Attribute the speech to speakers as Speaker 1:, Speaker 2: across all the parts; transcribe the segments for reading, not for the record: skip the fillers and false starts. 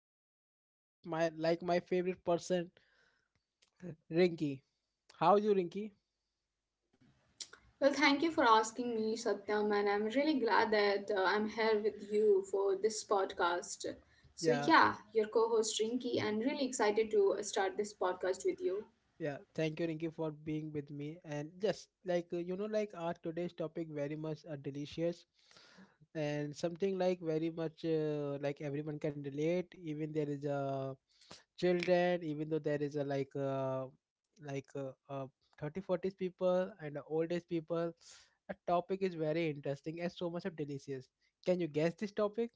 Speaker 1: is our very my like my favorite person Rinky. How are you Rinky?
Speaker 2: Well, thank you for asking me, Satyam, and I'm really glad that I'm here with you for this podcast. So,
Speaker 1: Yeah,
Speaker 2: yeah, your co host Rinky, and really excited to start this podcast with you.
Speaker 1: Yeah, thank you, Rinki, for being with me. And just like you know, like our today's topic very much delicious, and something like very much like everyone can relate. Even there is a children, even though there is a like like uh, uh, 30, forties people and old age people. A topic is very interesting and so much of delicious. Can you guess this topic?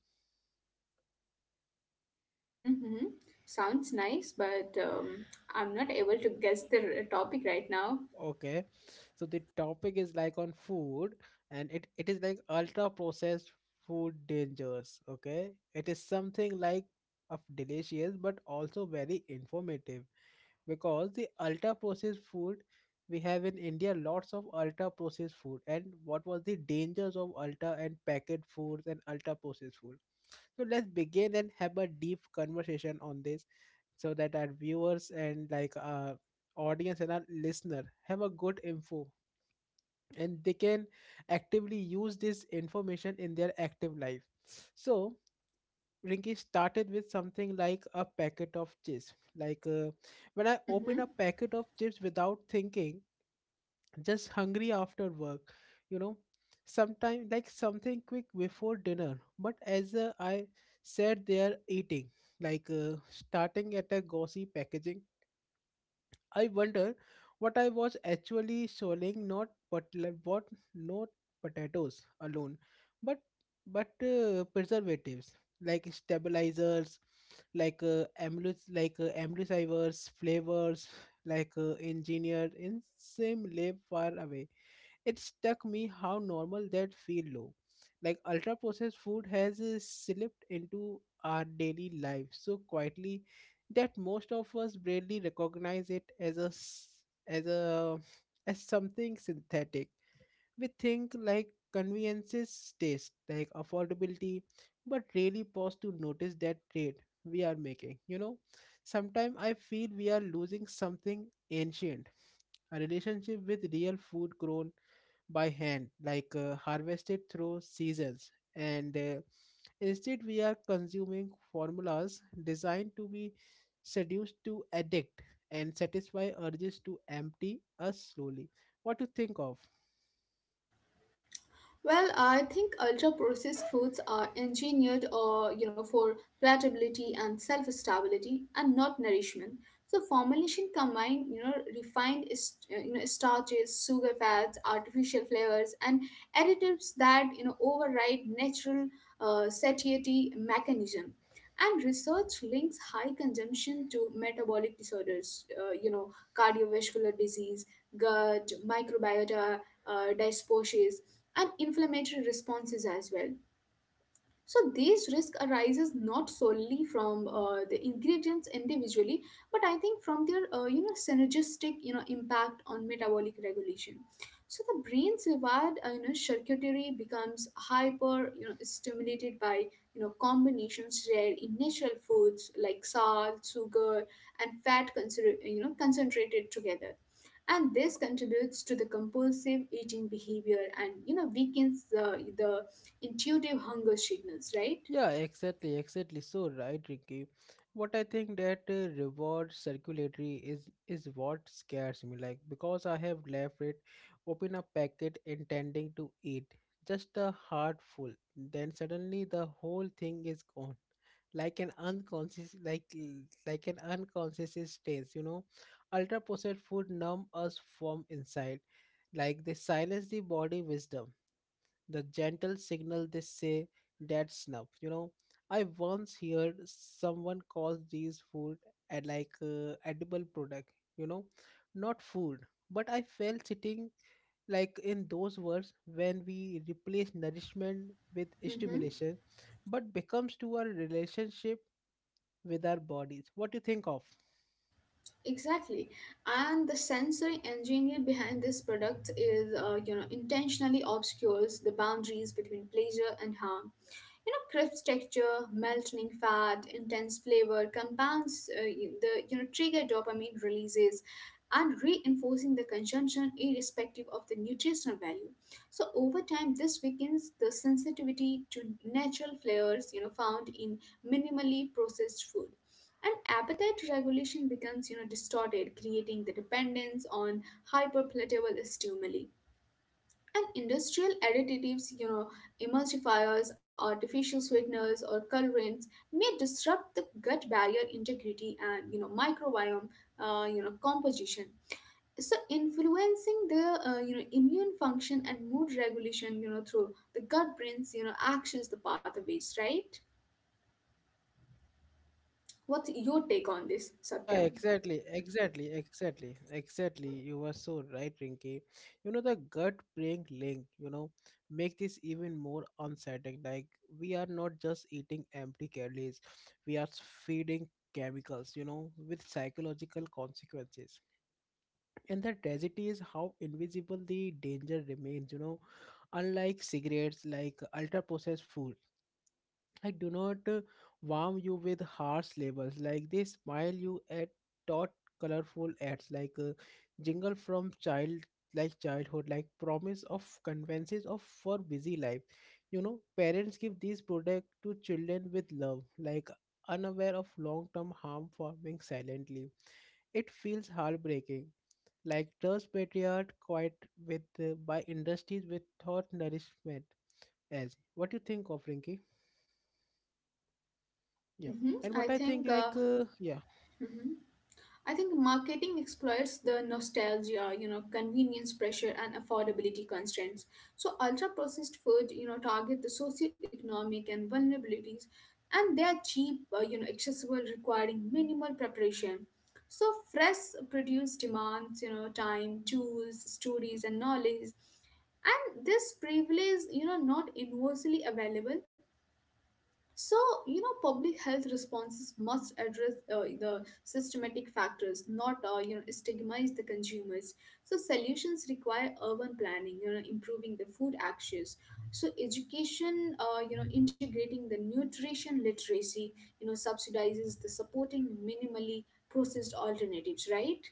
Speaker 2: Mm-hmm, mm-hmm. Sounds nice, but I'm not able to guess the topic right now.
Speaker 1: Okay, so the topic is like on food, and it is like ultra processed food dangers. Okay, it is something like of delicious but also very informative because the ultra processed food we have in India lots of ultra processed food and what was the dangers of ultra and packet foods and ultra processed food. So let's begin and have a deep conversation on this so that our viewers and like audience and our listener have a good info and they can actively use this information in their active life so rinky started with something like a packet of chips like when I open a
Speaker 2: Mm-hmm.
Speaker 1: packet of chips without thinking, just hungry after work, you know, sometime like something quick before dinner but as I sat there eating like starting at a glossy packaging. I wonder what I was actually selling, not but what, not potatoes alone, but but preservatives like stabilizers, like amylus, like emulsifiers, flavors, like engineered in same lab far away. It struck me how normal that feel low. Like ultra processed food has slipped into our daily life so quietly that most of us barely recognize it as a s- as a as something synthetic. We think like conveniences taste, like affordability, but really pause to notice that trade we are making. You know, sometimes I feel we are losing something ancient, a relationship with real food grown by hand, like harvested through seasons. And instead, we are consuming formulas designed to be seduced to addict and satisfy urges to empty us slowly. What to think of?
Speaker 2: Well, I think ultra-processed foods are engineered, for palatability and self-stability, and not nourishment. So formulation combine, you know, refined, starches, sugar fats, artificial flavors, and additives that you know override natural satiety mechanism. And research links high consumption to metabolic disorders, cardiovascular disease, gut microbiota dysbiosis and inflammatory responses as well. So these risk arises not solely from the ingredients individually, but I think from their synergistic you know impact on metabolic regulation. So the brain's reward circuitry becomes hyper you know stimulated by you know combinations rare in natural foods like salt, sugar, and fat concentrated together, and this contributes to the compulsive eating behavior and you know weakens the intuitive hunger signals, right?
Speaker 1: Yeah, exactly, exactly. So right, Ricky. What I think that reward circulatory is what scares me. Like because I have left it, open a packet intending to eat just a heart full. Then suddenly the whole thing is gone, like an unconscious, like an unconscious state. You know, ultra processed food numb us from inside. Like they silence the body wisdom, the gentle signal they say dead snuff, you know. I once heard someone calls these food and like edible product, you know, not food, but I felt sitting like in those words when we replace nourishment with
Speaker 2: Mm-hmm,
Speaker 1: stimulation but becomes to our relationship with our bodies. What do you think of?
Speaker 2: exactly. And the sensory engineering behind this product is, you know, intentionally obscures the boundaries between pleasure and harm. You know, crisp texture, melting fat, intense flavor compounds you- the you know trigger dopamine releases and reinforcing the consumption irrespective of the nutritional value. So over time, this weakens the sensitivity to natural flavors you know found in minimally processed food. And appetite regulation becomes, you know, distorted, creating the dependence on hyperpalatable stimuli. And industrial additives, you know, emulsifiers, artificial sweeteners, or colorants may disrupt the gut barrier integrity and you know microbiome, composition. So influencing the immune function and mood regulation, you know, through the gut brain's you know actions the pathways, right? What's your take on this,
Speaker 1: Yeah,
Speaker 2: Satyam?
Speaker 1: exactly. You were so right, Rinky. You know, the gut-brain link, you know, make this even more unsettling. Like, we are not just eating empty calories, we are feeding chemicals, you know, with psychological consequences. And the tragedy is how invisible the danger remains, you know, unlike cigarettes, like ultra-processed food, I do not warm you with harsh labels. Like they smile you at dot colorful ads like jingle from childhood, like promise of conveniences of for busy life, you know, parents give these products to children with love, like unaware of long-term harm forming silently. It feels heartbreaking, like trust patriarch quite with by industries with thought nourishment as. What do you think of Rinky? Yeah. And what
Speaker 2: I
Speaker 1: I think,
Speaker 2: think.
Speaker 1: like,
Speaker 2: Mhm. I think marketing exploits the nostalgia, you know, convenience pressure and affordability constraints. So ultra processed food, you know, target the socioeconomic and vulnerabilities, and they are cheap, you know, accessible requiring minimal preparation. So fresh produce demands, you know, time, tools, stories and knowledge, and this privilege you know not universally available. So, you know, public health responses must address the systematic factors, not, you know, stigmatize the consumers. So, solutions require urban planning, you know, improving the food access. So, education, you know, integrating the nutrition literacy, you know, subsidizes the supporting minimally processed alternatives, right?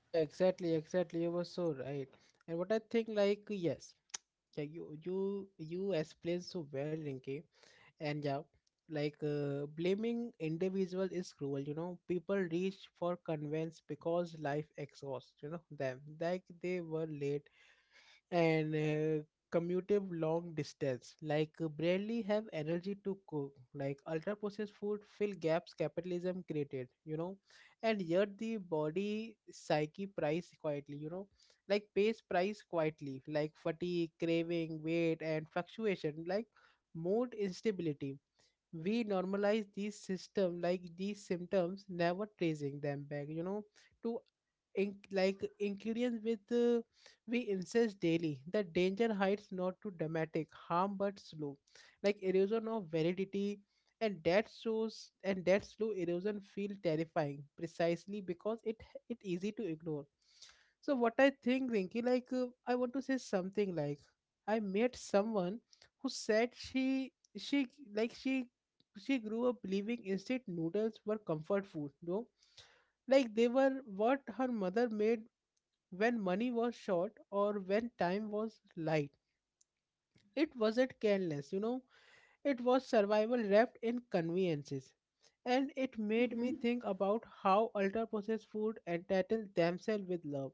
Speaker 1: yeah, exactly, exactly. You were so right. And what I think, like, yes, yeah, you explained so well, Rinki. And yeah, like, blaming individual is cruel. You know, people reach for convenience because life exhausts. You know them, like they were late and commutative long distance like barely have energy to cook, like ultra processed food fill gaps capitalism created, you know. And yet the body psyche price quietly, you know, like pays price quietly, like fatigue craving weight and fluctuation, like mood instability. We normalize these system, like these symptoms never tracing them back, you know, to in, like ingredients with we insist daily the danger hides not too dramatic harm but slow, like erosion of validity. And that shows and that slow erosion feel terrifying precisely because it easy to ignore. So what I think Rinky, like I want to say something like I met someone who said she like she grew up believing instant noodles were comfort food, though. Like they were what her mother made when money was short or when time was light. It wasn't careless, you know, it was survival wrapped in conveniences. And it made me
Speaker 2: Mm-hmm.
Speaker 1: think about how ultra processed food entitle themselves with love,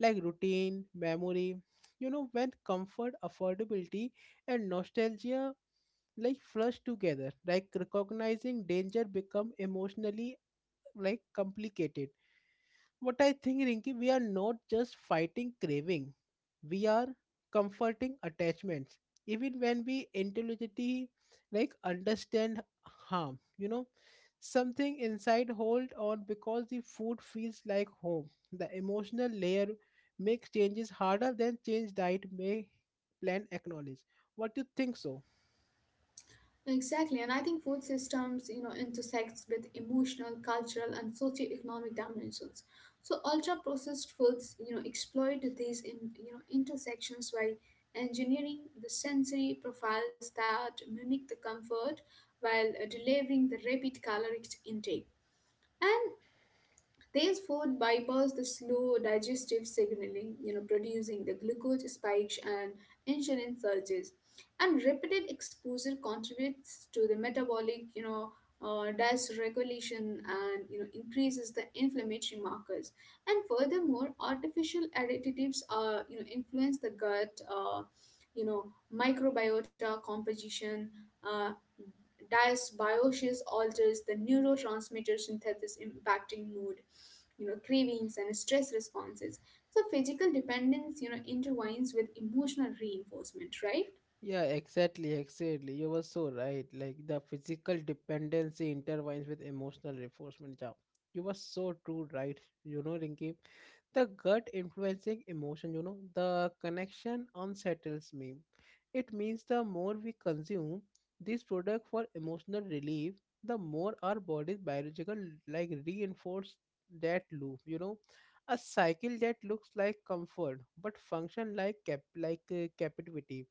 Speaker 1: like routine, memory, you know, when comfort, affordability, and nostalgia like flush together, like recognizing danger become emotionally like complicated. What I think, Rinki, we are not just fighting craving, we are comforting attachments. Even when we intelligently like understand harm, you know, something inside hold on because the food feels like home. The emotional layer makes changes harder than change diet may plan acknowledge. What do you think so?
Speaker 2: Exactly, and I think food systems, you know, intersects with emotional, cultural, and socio-economic dimensions. So ultra-processed foods, you know, exploit these in you know intersections by engineering the sensory profiles that mimic the comfort while delivering the rapid caloric intake. And these food bypass the slow digestive signaling, you know, producing the glucose spikes and insulin surges. And repeated exposure contributes to the metabolic, you know, dysregulation and you know increases the inflammatory markers. And furthermore, artificial additives are you know influence the gut, microbiota composition. Uh, Dysbiosis alters the neurotransmitter synthesis impacting mood you know cravings and stress responses. So physical dependence you know intertwines with emotional reinforcement, right?
Speaker 1: Yeah, exactly, exactly. You were so right. Like the physical dependency intertwines with emotional reinforcement. Yeah. You were so true, right? You know, Rinky. The gut influencing emotion, you know, the connection unsettles me. It means the more we consume this product for emotional relief, the more our body's biological like reinforce that loop, you know. A cycle that looks like comfort but function like captivity.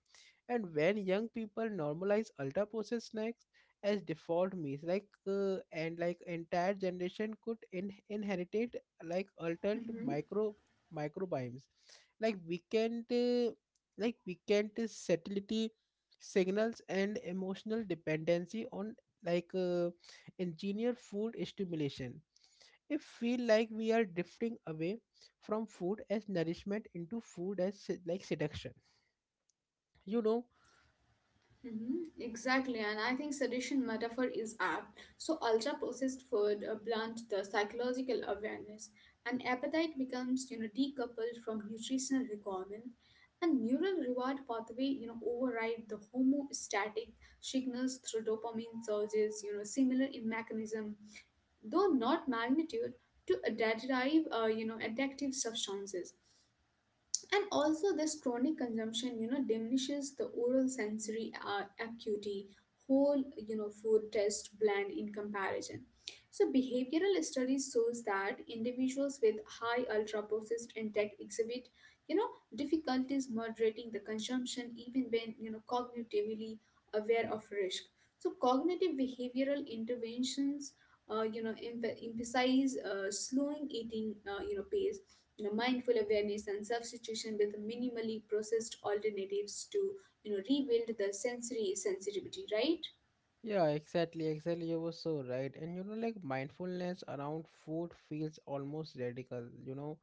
Speaker 1: And when young people normalize ultra processed snacks as default meals, like and like entire generation could inherit like altered
Speaker 2: Mm-hmm,
Speaker 1: microbiomes, like we weekend uh, like we can weekend satiety signals and emotional dependency on like engineered food stimulation. It feel like we are drifting away from food as nourishment into food as seduction. You know.
Speaker 2: mm-hmm, exactly, and I think sedition metaphor is apt. So ultra processed food blunt the psychological awareness, and appetite becomes you know decoupled from nutritional requirement, and neural reward pathway you know override the homostatic signals through dopamine surges. You know similar in mechanism though not magnitude, to derive you know addictive substances, and also this chronic consumption you know diminishes the oral sensory acuity, whole you know food taste blend in comparison. So behavioral studies shows that individuals with high ultra processed intake exhibit you know difficulties moderating the consumption even when you know cognitively aware of risk. So cognitive behavioral interventions emphasize slowing eating you know pace, you know, mindful awareness and substitution with minimally processed alternatives to you know rebuild the sensory sensitivity, right?
Speaker 1: Yeah, exactly, exactly. You were so right. And you know, like mindfulness around food feels almost radical. You know,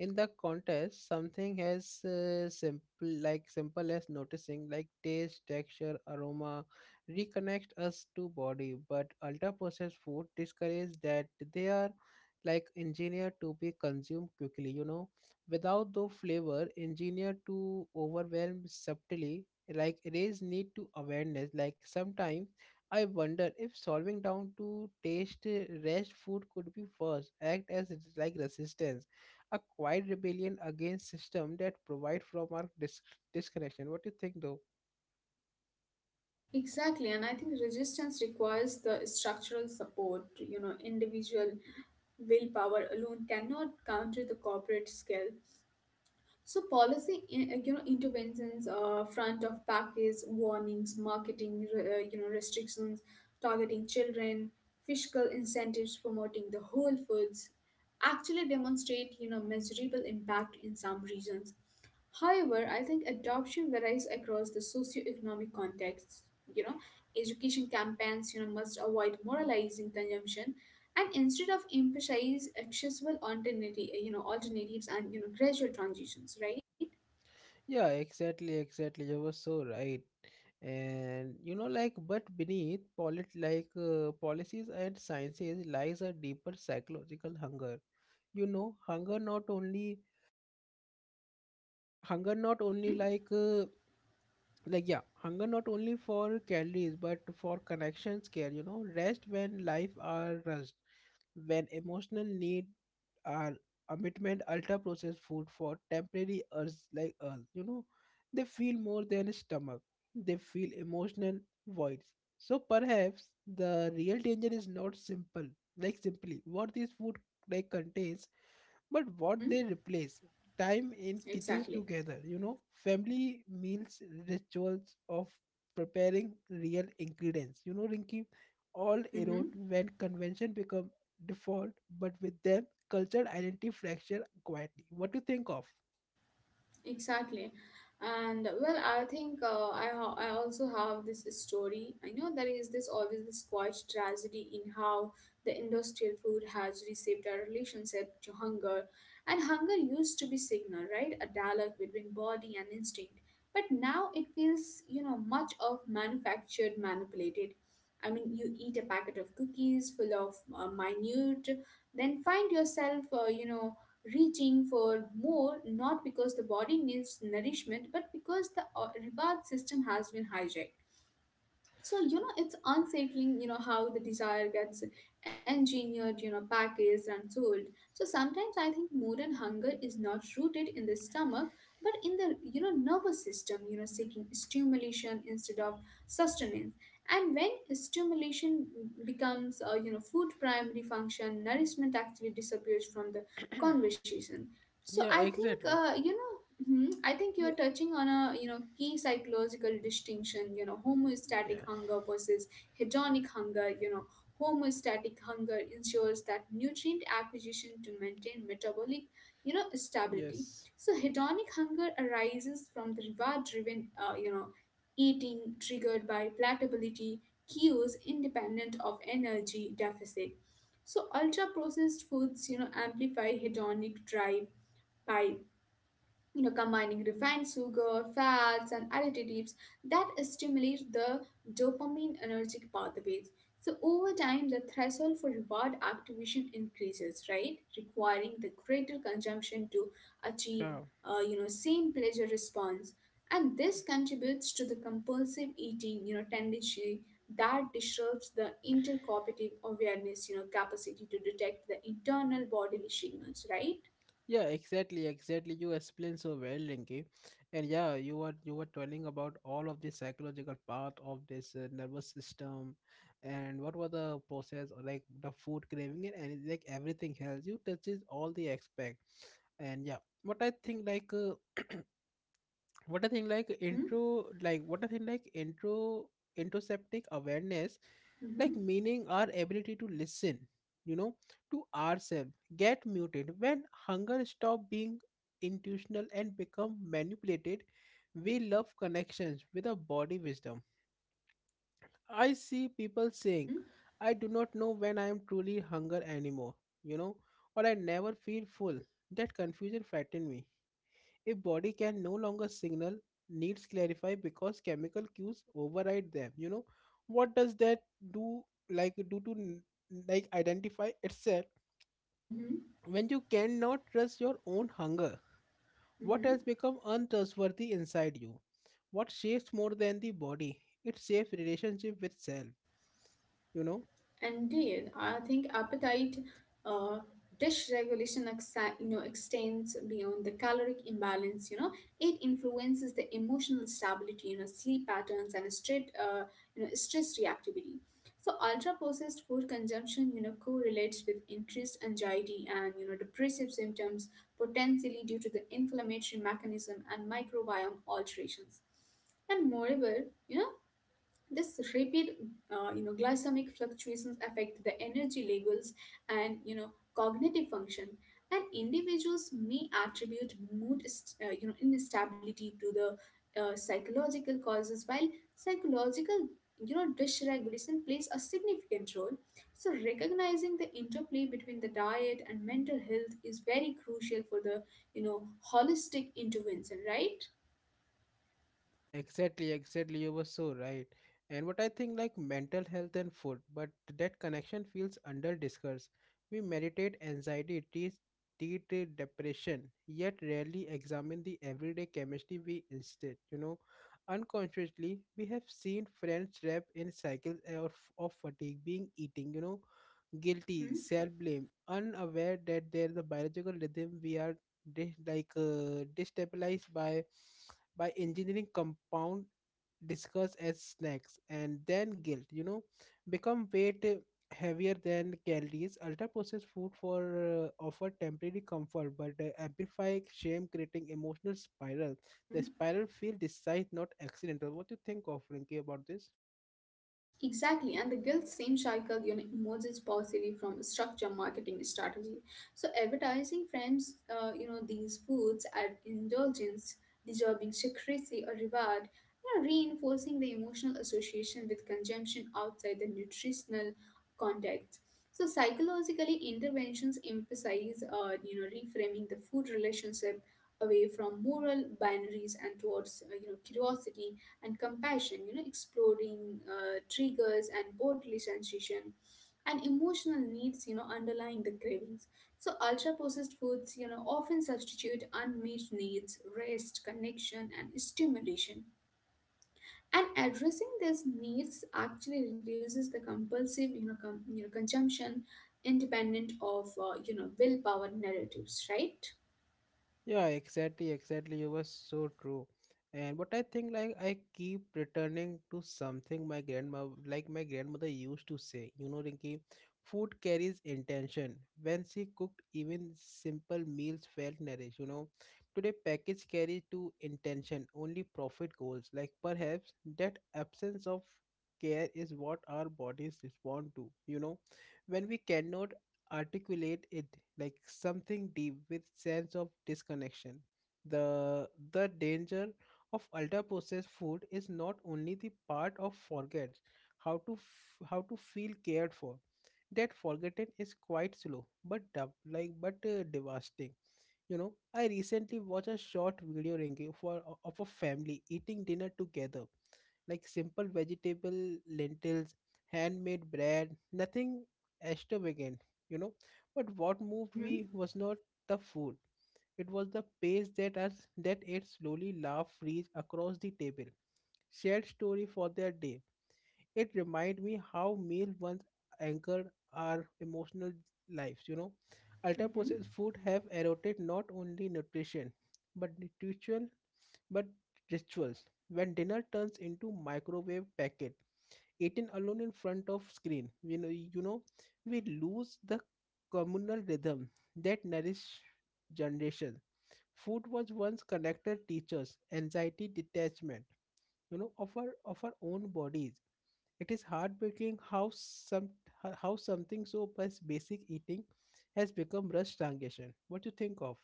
Speaker 1: in the contest, something as simple as noticing, like taste, texture, aroma, reconnect us to body. But ultra processed food discourages that. They are like engineered to be consumed quickly. You know, without the flavor, engineered to overwhelm subtly. Like raise need to awareness. Like sometimes I wonder if solving down to taste rest food could be first act as it is like resistance, a quiet rebellion against system that provide from our disconnection. What do you think though?
Speaker 2: Exactly, and I think resistance requires the structural support. You know individual willpower alone cannot counter the corporate skill. So policy, you know, interventions, front of package warnings, marketing, you know, restrictions, targeting children, fiscal incentives promoting the whole foods, actually demonstrate you know measurable impact in some regions. However, I think adoption varies across the socioeconomic contexts. You know, education campaigns, you know, must avoid moralizing consumption and instead of emphasize accessible alternative, you know, alternatives and, you know, gradual transitions, right?
Speaker 1: Yeah, exactly, exactly. You were so right. And you know, like, but beneath polit like policies and sciences lies a deeper psychological hunger. You know, hunger not only
Speaker 2: Mm-hmm.
Speaker 1: like. Like yeah hunger not only for calories but for connections care, you know, rest when life are rushed, when emotional need are commitment ultra processed food for temporary urges like us, you know. They feel more than stomach, they feel emotional voids. So perhaps the real danger is not simple like simply what this food like contains but what
Speaker 2: Mm-hmm.
Speaker 1: they replace, time in kitchens
Speaker 2: Exactly.
Speaker 1: together, you know, family meals, rituals of preparing real ingredients, you know Rinky, all erode
Speaker 2: Mm-hmm.
Speaker 1: when convention become default. But with them cultural identity fracture quietly. What do you think of?
Speaker 2: Exactly. And well, I think I also have this story. I know there is this always this quite tragedy in how the industrial food has reshaped our relationship to hunger. And hunger used to be signal, right? A dialogue between body and instinct. But now it feels, you know, much of manufactured, manipulated. I mean, you eat a packet of cookies full of minute, then find yourself, you know, reaching for more not because the body needs nourishment but because the reward system has been hijacked. So you know it's unsettling you know how the desire gets engineered you know packaged and sold. So sometimes I think modern hunger is not rooted in the stomach but in the you know nervous system, you know seeking stimulation instead of sustenance. And when stimulation becomes you know food primary function, nourishment actually disappears from the conversation. So
Speaker 1: Yeah,
Speaker 2: I think
Speaker 1: exactly.
Speaker 2: you know, I think
Speaker 1: Yeah,
Speaker 2: you're touching on a you know key psychological distinction. You know,
Speaker 1: yeah,
Speaker 2: homeostatic hunger versus hedonic hunger. You know, homeostatic hunger ensures that nutrient acquisition to maintain metabolic you know stability.
Speaker 1: yes,
Speaker 2: So hedonic hunger arises from the reward-driven you know eating triggered by palatability cues independent of energy deficit. So ultra processed foods, you know, amplify hedonic drive by you know, combining refined sugar, fats, and additives that stimulate the dopamine energetic pathways. So over time, the threshold for reward activation increases, right? Requiring the greater consumption to achieve,
Speaker 1: yeah,
Speaker 2: you know, same pleasure response, and this contributes to the compulsive eating, you know, tendency that disrupts the intercooperative awareness, you know, capacity to detect the internal bodily signals, right?
Speaker 1: yeah, exactly. You explained so well, Rinki, and yeah, you were telling about all of the psychological part of this nervous system, and what was the process, or like the food craving and any, like everything else. You touches all the aspect, and yeah, what I think like. What I think like
Speaker 2: Mm-hmm.
Speaker 1: intro like what I think like intro introseptic awareness like
Speaker 2: Mm-hmm.
Speaker 1: meaning our ability to listen, you know, to ourselves, get muted when hunger stop being intuitional and become manipulated. We love connections with a body wisdom. I see people saying
Speaker 2: Mm-hmm.
Speaker 1: I do not know when I am truly hunger anymore, you know, or I never feel full. That confusion frightened me. If body can no longer signal, needs clarify because chemical cues override them. You know, what does that do do to identify itself
Speaker 2: Mm-hmm,
Speaker 1: when you cannot trust your own hunger? What has
Speaker 2: mm-hmm.
Speaker 1: become untrustworthy inside you? What shapes more than the body? It shapes relationship with self, you know.
Speaker 2: Indeed, I think appetite uh, dish regulation you know extends beyond the caloric imbalance. You know, it influences the emotional stability, you know, sleep patterns and stress, stress reactivity. So ultra processed food consumption, you know, correlates with increased anxiety and you know depressive symptoms, potentially due to the inflammatory mechanism and microbiome alterations. And moreover, you know, this rapid, you know, glycemic fluctuations affect the energy levels and you know cognitive function. And individuals may attribute mood, you know, instability to the psychological causes, while psychological, you know, dysregulation plays a significant role. So recognizing the interplay between the diet and mental health is very crucial for the you know holistic intervention, right?
Speaker 1: Yeah, exactly, exactly. You were so right. And what I think like mental health and food, but that connection feels under discussed. We meditate anxiety, treat the depression, yet rarely examine the everyday chemistry we instead, you know. Unconsciously, we have seen friends trapped in cycles of fatigue being eating, guilty, self-blame, unaware that there's a biological rhythm we are destabilized by engineering compound discussed as snacks and then guilt, become weight, heavier than calories. Ultra processed food for offer temporary comfort but amplify shame, creating emotional spiral. The
Speaker 2: hmm
Speaker 1: spiral feel decides not accidental. What do you think of, Rinki, about this?
Speaker 2: Exactly, and the guilt same cycle you know, emerges possibly from structure marketing strategy. So advertising frames you know these foods as indulgence, deserving secrecy or reward, you know, reinforcing the emotional association with consumption outside the nutritional context. So psychologically, interventions emphasize you know reframing the food relationship away from moral binaries and towards you know curiosity and compassion, you know, exploring triggers and bodily sensation and emotional needs, you know, underlying the cravings. So ultra processed foods, you know, often substitute unmet needs, rest, connection, and stimulation. And addressing these needs actually reduces the compulsive, you know consumption independent of, you know, willpower narratives, right?
Speaker 1: Yeah, exactly, exactly. You were so true. And what I think, I keep returning to something my grandma, like my grandmother used to say, you know, Rinki, food carries intention. When she cooked, even simple meals felt nourished, you know. Today, package carry to intention, only profit goals. Like, perhaps that absence of care is what our bodies respond to, you know. When we cannot articulate it, like something deep with sense of disconnection. The danger of ultra processed food is not only the part of forgets how to feel cared for. That forgotten is quite slow, but devastating. You know, I recently watched a short video review for of a family eating dinner together, like simple vegetable, lentils, handmade bread, nothing extravagant, you know. But what moved
Speaker 2: Mm-hmm.
Speaker 1: me was not the food; it was the pace that us that it slowly laugh reached across the table, shared story for their day. It reminded me how meal once anchored our emotional lives, you know. Ultra
Speaker 2: Mm-hmm.
Speaker 1: processed food have eroded not only nutrition but ritual but rituals. When dinner turns into microwave packet, eaten alone in front of screen, you know, we lose the communal rhythm that nourish generation. Food was once connected teachers, anxiety, detachment, you know, of our own bodies. It is heartbreaking how something so as basic eating has become rushed transition. What do you think of?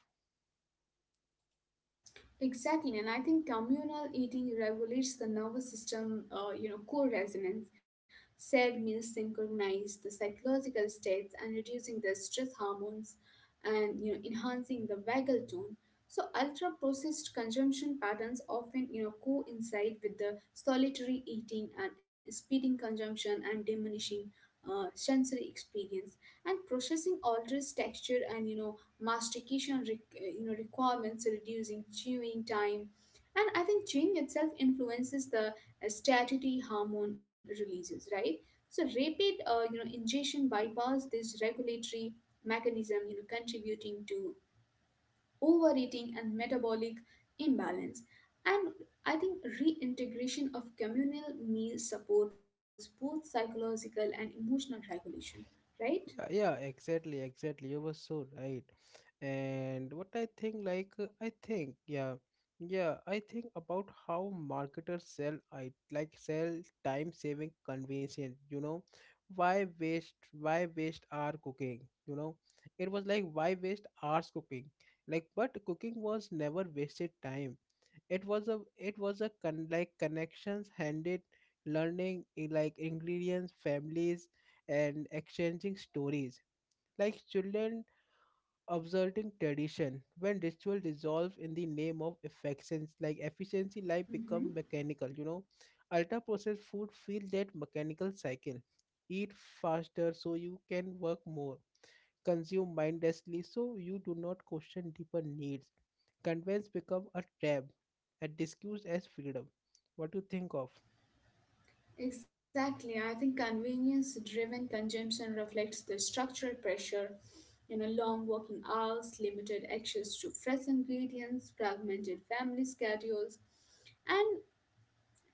Speaker 2: Exactly, and I think communal eating regulates the nervous system, you know, core resonance. Shared meals synchronize the psychological states and reducing the stress hormones, and you know, enhancing the vagal tone. So, ultra-processed consumption patterns often, you know, coincide with the solitary eating and speeding consumption and diminishing sensory experience, and processing alters texture and you know mastication you know requirements, reducing chewing time. And I think chewing itself influences the statutory hormone releases, right? So rapid you know ingestion bypass this regulatory mechanism, you know contributing to overeating and metabolic imbalance. And I think reintegration of communal meals supports both psychological and emotional regulation, right?
Speaker 1: Yeah, yeah, exactly, exactly. You were so right. And what I think, like, I think about how marketers sell, I like sell time-saving convenience. You know, why waste? Why waste our cooking? You know, it was like why waste hours cooking? Like, but cooking was never wasted time. It was a connections handed, learning I- like ingredients, families, and exchanging stories, like children observing tradition. When ritual dissolve in the name of affections like efficiency, life become
Speaker 2: Mm-hmm.
Speaker 1: mechanical, you know. Ultra processed food feel that mechanical cycle: eat faster so you can work more, consume mindlessly so you do not question deeper needs. Convenience become a trap and disguised as freedom. What do you think of?
Speaker 2: Exactly. I think convenience driven consumption reflects the structural pressure, you know, long working hours, limited access to fresh ingredients, fragmented family schedules, and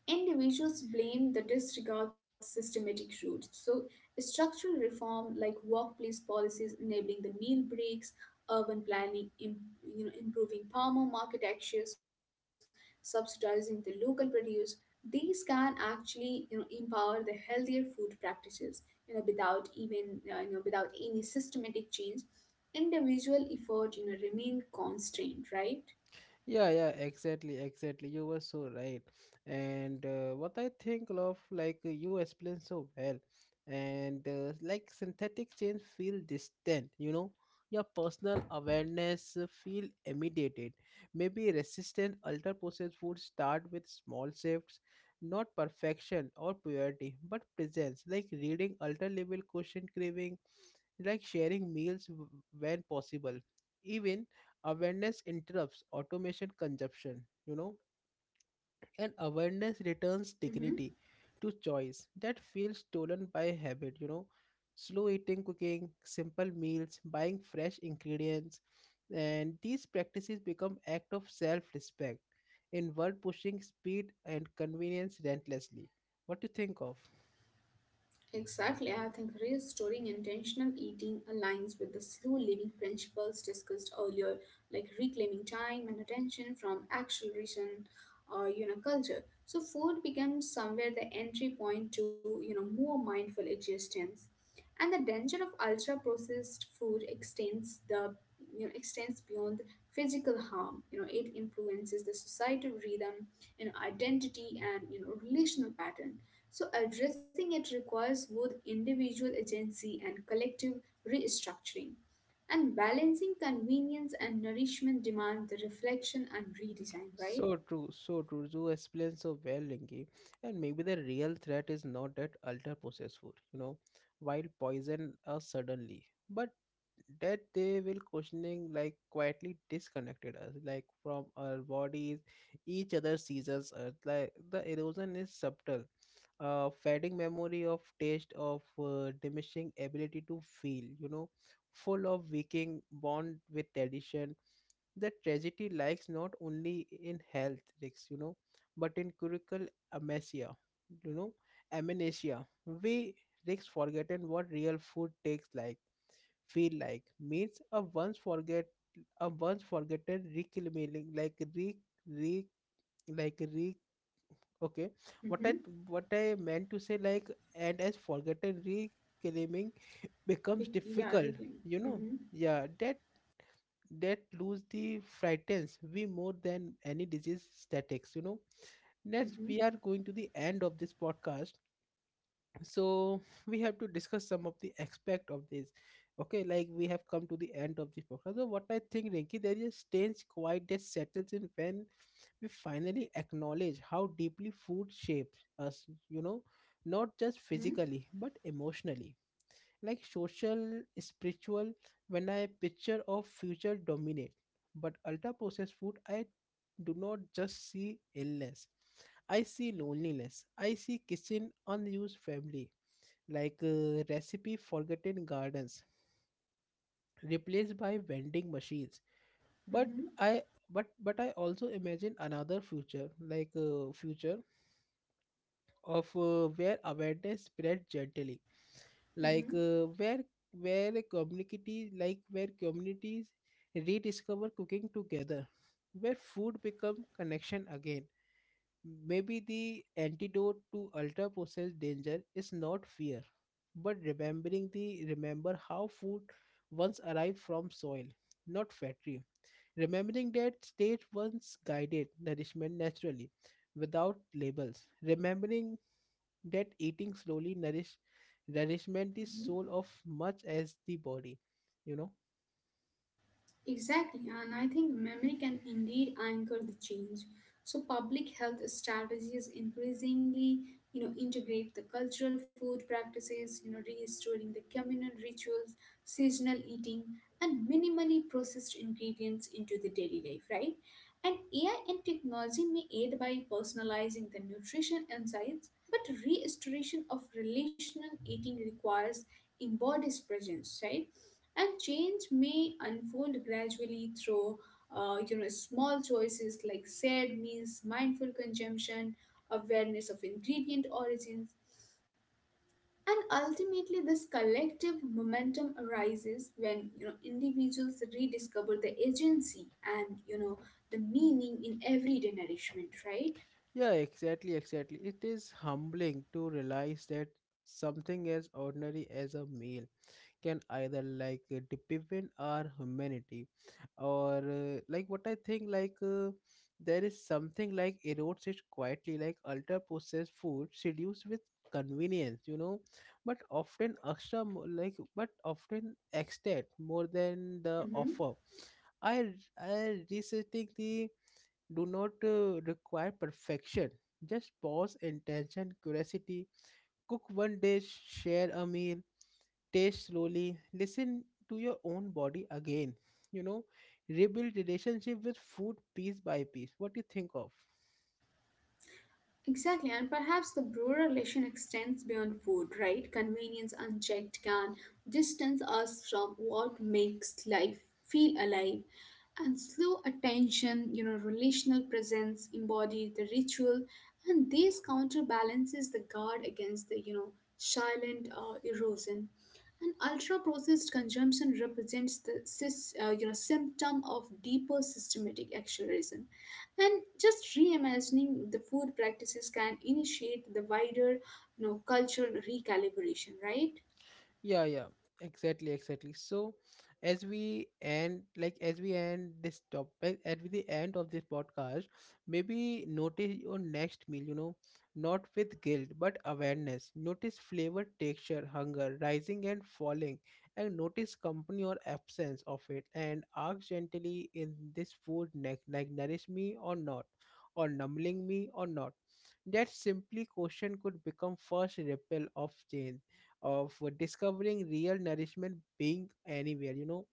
Speaker 2: individuals blame the disregard systematic roots. So, structural reform like workplace policies enabling the meal breaks, urban planning, you know, improving farmer market access, subsidizing the local produce. These can actually you know empower the healthier food practices. You know, without even without any systematic change, individual effort you know remain constrained. Right.
Speaker 1: Yeah, yeah, exactly, exactly. You were so right. And what I think of, like, you explained so well, and, like, synthetic change feel distant, you know, your personal awareness feel immediated. Maybe resistant ultra processed food start with small shifts, not perfection or purity, but presence, like reading ultra level question craving, like sharing when possible. Even awareness interrupts automation consumption, you know, and awareness returns dignity
Speaker 2: Mm-hmm.
Speaker 1: to choice that feels stolen by habit, you know. Slow eating, cooking, simple meals, buying fresh ingredients, and these practices become act of self-respect in world pushing speed and convenience relentlessly. What do you think of?
Speaker 2: Exactly, I think restoring intentional eating aligns with the slow living principles discussed earlier, like reclaiming time and attention from acceleration or you know culture. So food becomes somewhere the entry point to you know more mindful existence, and the danger of ultra processed food extends the extends beyond physical harm. You know, it influences the societal rhythm, you know, identity, and you know relational pattern. So addressing it requires both individual agency and collective restructuring, and balancing convenience and nourishment demand the reflection and redesign, right?
Speaker 1: So true, so true. You explain so well, Rinki. And maybe the real threat is not that ultra processed food, you know, while poison us suddenly, but that they will questioning like quietly disconnected us, like from our bodies, each other, seasons, earth. Like the erosion is subtle, fading memory of taste, of diminishing ability to feel, you know, full of waking bond with tradition. The tragedy lies not only in health risks, you know, but in critical amnesia, you know, We risks forgotten what real food tastes like, feel like. Means a once forget a once forgotten reclaiming like re re like re okay. What I
Speaker 2: Mm-hmm.
Speaker 1: What I meant to say, like, and as forgotten reclaiming becomes
Speaker 2: Be- yeah
Speaker 1: difficult,
Speaker 2: reclaim.
Speaker 1: you know.
Speaker 2: Mm-hmm.
Speaker 1: Yeah, that that lose the frightens we more than any disease statics, you know. Next we
Speaker 2: Mm-hmm.
Speaker 1: are going to the end of this podcast, so we have to discuss some of the aspect of this. Okay, like, we have come to the end of this podcast. So what I think, Rinki, there is a strange quiet that settles in when we finally acknowledge how deeply food shapes us, you know, not just
Speaker 2: Mm-hmm.
Speaker 1: physically but emotionally, like social, spiritual. When I picture of future dominate, but ultra processed food, I do not just see illness. I see loneliness. I see kitchen unused family, like, recipe forgotten, gardens replaced by vending machines. But
Speaker 2: Mm-hmm.
Speaker 1: I but I also imagine another future, like, future of, where awareness spread gently,
Speaker 2: Mm-hmm.
Speaker 1: like, where a community like where communities rediscover cooking together, where food become connection again. Maybe the antidote to ultra processed danger is not fear but remember how food once arrived from soil, not factory. Remembering that state once guided nourishment naturally without labels. Remembering that eating slowly nourishment the
Speaker 2: Mm-hmm.
Speaker 1: soul of much as the body, you know.
Speaker 2: Exactly, and I think memory can indeed anchor the change. So public health strategies increasingly, you know, integrate the cultural food practices, you know, restoring the communal rituals, seasonal eating, and minimally processed ingredients into the daily life, right? And AI and technology may aid by personalizing the nutrition insights, but restoration of relational eating requires embodied presence, right? And change may unfold gradually through you know small choices like shared meals, mindful consumption, awareness of ingredient origins, and ultimately this collective momentum arises when you know individuals rediscover the agency and you know the meaning in everyday nourishment, right?
Speaker 1: Yeah, exactly, exactly. It is humbling to realize that something as ordinary as a meal can either, like, deepen our humanity, or, like, what I think, like, there is something like erodes it quietly. Like ultra processed food seduced with convenience, you know, but often extra mo- like but often extent more than the offer.
Speaker 2: Mm-hmm.
Speaker 1: I i researching the do not require perfection, just pause, intention, curiosity. Cook one dish, share a meal, taste slowly, listen to your own body again, you know. Rebuild relationship with food piece by piece. What do you think of?
Speaker 2: Exactly, and perhaps the brewer relation extends beyond food, right? Convenience unchecked can distance us from what makes life feel alive. And slow attention, you know, relational presence embodies the ritual, and this counterbalances the guard against the, you know, silent erosion. And ultra-processed consumption represents the you know, symptom of deeper systematic acceleration. And just reimagining the food practices can initiate the wider, you know, cultural recalibration, right?
Speaker 1: Yeah, yeah, exactly, exactly. So, as we end this topic, at the end of this podcast, maybe notice your next meal. You know, not with guilt, but awareness. Notice flavor, texture, hunger, rising and falling, and notice company or absence of it. And ask gently, in this food, neck, like nourish me or not, or numbling me or not. That simply question could become first ripple of change, of discovering real nourishment being anywhere, you know,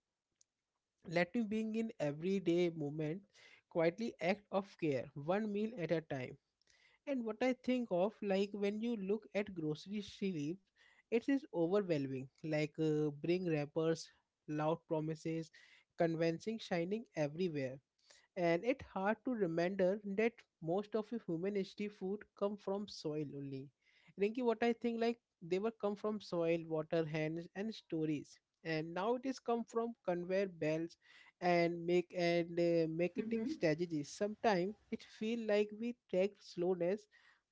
Speaker 1: letting being in everyday moment, quietly act of care one meal at a time. And what I think of, like, when you look at grocery shelves, it is overwhelming, like, bring wrappers, loud promises, convincing shining everywhere, and it's hard to remember that most of the human history food come from soil only. Rinki, what I think, like, they were come from soil, water, hands, and stories. And now it is come from conveyor belts and make and marketing
Speaker 2: Mm-hmm.
Speaker 1: strategies. Sometimes it feel like we tracked slowness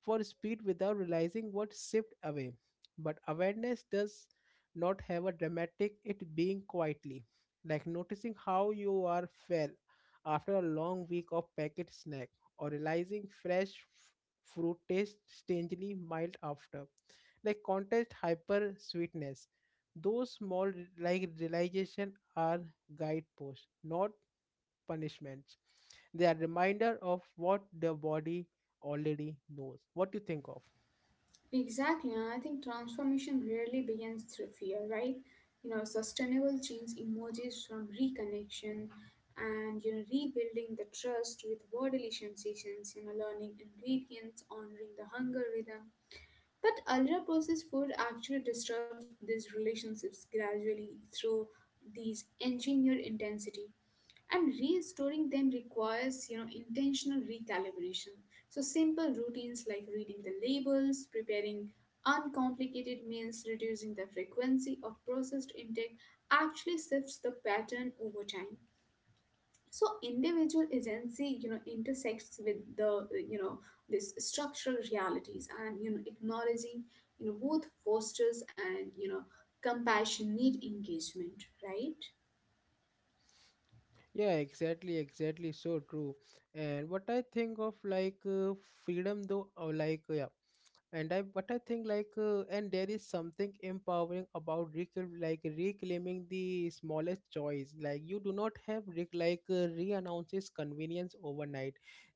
Speaker 1: for speed without realizing what shipped away. But awareness does not have a dramatic, it being quietly, like noticing how you are fair after a long week of packet snack, or realizing fruit tastes strangely mild after like contest hyper sweetness. Those small re- like realization are guideposts, not punishments. They are reminder of what the body already knows. What do you think of?
Speaker 2: Exactly, and I think transformation rarely begins through fear, right? You know, sustainable change emerges from reconnection and you know rebuilding the trust with bodily sensations, you know, learning ingredients, honoring the hunger rhythm. But ultra processed food actually disrupts these relationships gradually through these engineered intensity. And restoring them requires you know intentional recalibration. So simple routines like reading the labels, preparing uncomplicated meals, reducing the frequency of processed intake actually shifts the pattern over time. So individual agency you know intersects with the you know this structural realities, and you know acknowledging you know both fosters and you know compassionate engagement, right?
Speaker 1: Yeah, exactly, exactly, so true. And what I think of, like, freedom though, or, like, yeah. And I think, like, and there is something empowering about reclaiming the smallest choice, like you do not have re convenience overnight.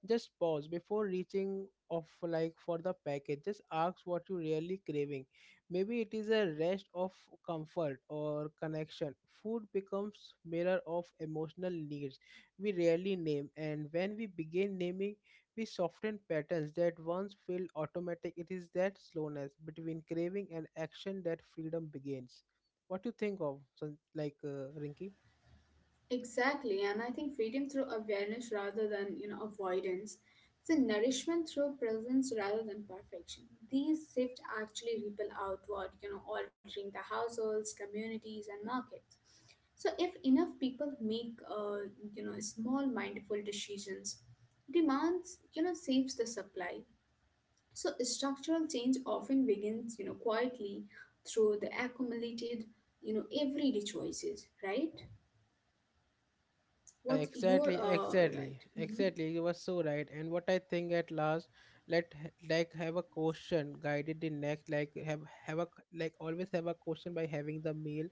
Speaker 1: Just pause before reaching of like for the package, just ask what you really craving. Maybe it is a rest of comfort or connection. Food becomes mirror of emotional needs we rarely name, and when we begin naming, we soften patterns that once felt automatic. It is that slowness between craving and action that freedom begins. What do you think of, Rinky?
Speaker 2: Exactly, and I think freedom through awareness rather than you know avoidance. It's a nourishment through presence rather than perfection. These shifts actually ripple outward, you know, altering the households, communities, and markets. So if enough people make you know small mindful decisions, demands you know saves the supply. So structural change often begins you know quietly through the accumulated you know everyday choices, right?
Speaker 1: Yeah,
Speaker 2: What you're
Speaker 1: exactly, exactly,
Speaker 2: right. Hmm.
Speaker 1: exactly. You were so right. And what I think at last, let h- like have a question guided the next, like have a c- like always have a question by having the meal,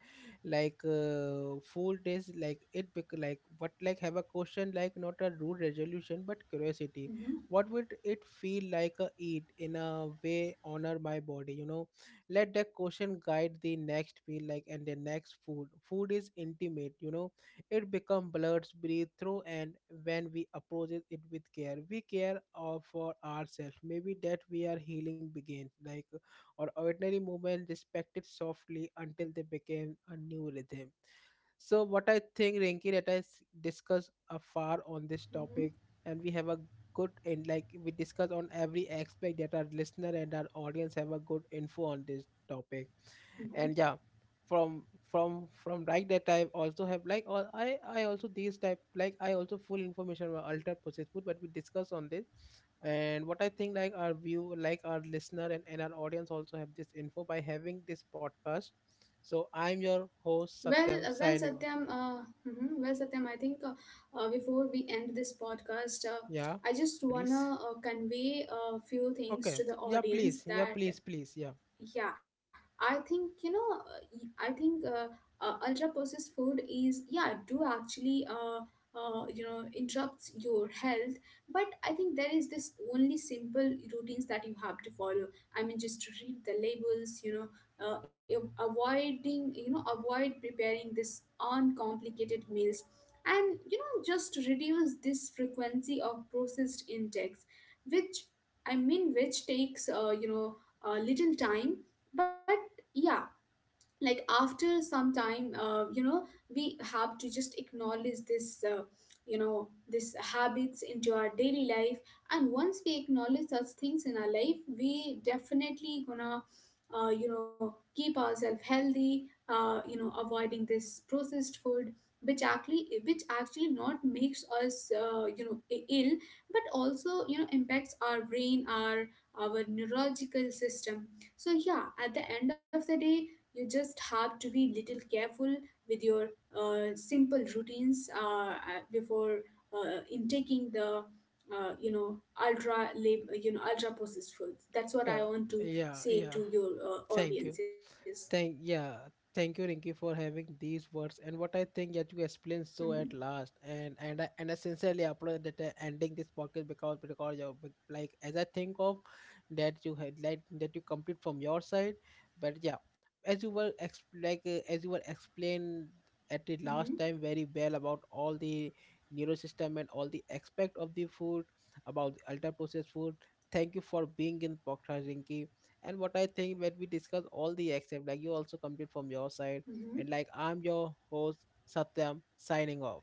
Speaker 1: like, food is like it bec- like what like have a question, like not a rude resolution but curiosity.
Speaker 2: Hmm.
Speaker 1: What would it feel like a eat in a way honor my body? You know, let the question guide the next meal, like, and the next food. Food is intimate. You know it becomes blurs breathe through, and when we approach it with care, we care, for ourselves. Maybe that we are healing begin, like our ordinary movement respected softly until they became a new rhythm. So what I think, Rinki, that discuss afar on this
Speaker 2: Hmm.
Speaker 1: topic, and we have a good, and like we discuss on every aspect, that our listener and our audience have a good info on this topic.
Speaker 2: Hmm.
Speaker 1: And yeah, from from like that I also have like all I also these type, like, I also full information about ultra processed food, but we discuss on this. And what I think, like, our view, like our listener and our audience also have this info by having this podcast. So I'm your host,
Speaker 2: Well,
Speaker 1: Satyam, signing
Speaker 2: Satyam.
Speaker 1: off.
Speaker 2: Mhm, Well, Satyam, I think before we end this podcast,
Speaker 1: Yeah,
Speaker 2: I just
Speaker 1: please.
Speaker 2: wanna convey a few things
Speaker 1: Okay,
Speaker 2: to the
Speaker 1: yeah,
Speaker 2: audience
Speaker 1: please, yeah,
Speaker 2: that.
Speaker 1: please, please, yeah.
Speaker 2: Yeah, I think you know. Y- I think Ultra processed food is yeah do actually you know interrupts your health. But I think there is this only simple routines that you have to follow. I mean, just read the labels. You know, avoiding you know avoid preparing this uncomplicated meals, and you know just reduce this frequency of processed intakes, which which takes you know little time but yeah, like after some time you know we have to just acknowledge this you know this habits into our daily life, and once we acknowledge such things in our life we definitely gonna you know keep ourselves healthy, you know avoiding this processed food which actually not makes us you know ill, but also you know impacts our brain, our neurological system. So yeah, at the end of the day you just have to be little careful with your simple routines before intaking the you know you know ultra processed foods. That's what I
Speaker 1: Yeah,
Speaker 2: want to
Speaker 1: yeah,
Speaker 2: say
Speaker 1: yeah,
Speaker 2: to your
Speaker 1: thank you.
Speaker 2: audiences.
Speaker 1: Thank yeah, thank you, Rinky, for having these words. And what I think that you explained so at
Speaker 2: Hmm.
Speaker 1: last, and I sincerely applaud that, ending this podcast, because you, like as I think of that you had, like, that you complete from your side, but yeah, as you were explained at the
Speaker 2: Hmm.
Speaker 1: last time very well about all the neurosystem and all the aspect of the food, about the ultra processed food. Thank you for being in podcast, Rinky. And what I think, when we discuss all the except, like, you also complete from your
Speaker 2: Hmm.
Speaker 1: side. And, like, I'm your host, Satyam, signing off.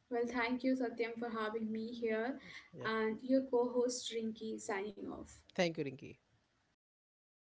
Speaker 2: Well, thank you, Satyam, for having me here,
Speaker 1: Yeah,
Speaker 2: and your co-host Rinki signing off.
Speaker 1: thank you, Rinki.
Speaker 2: Thank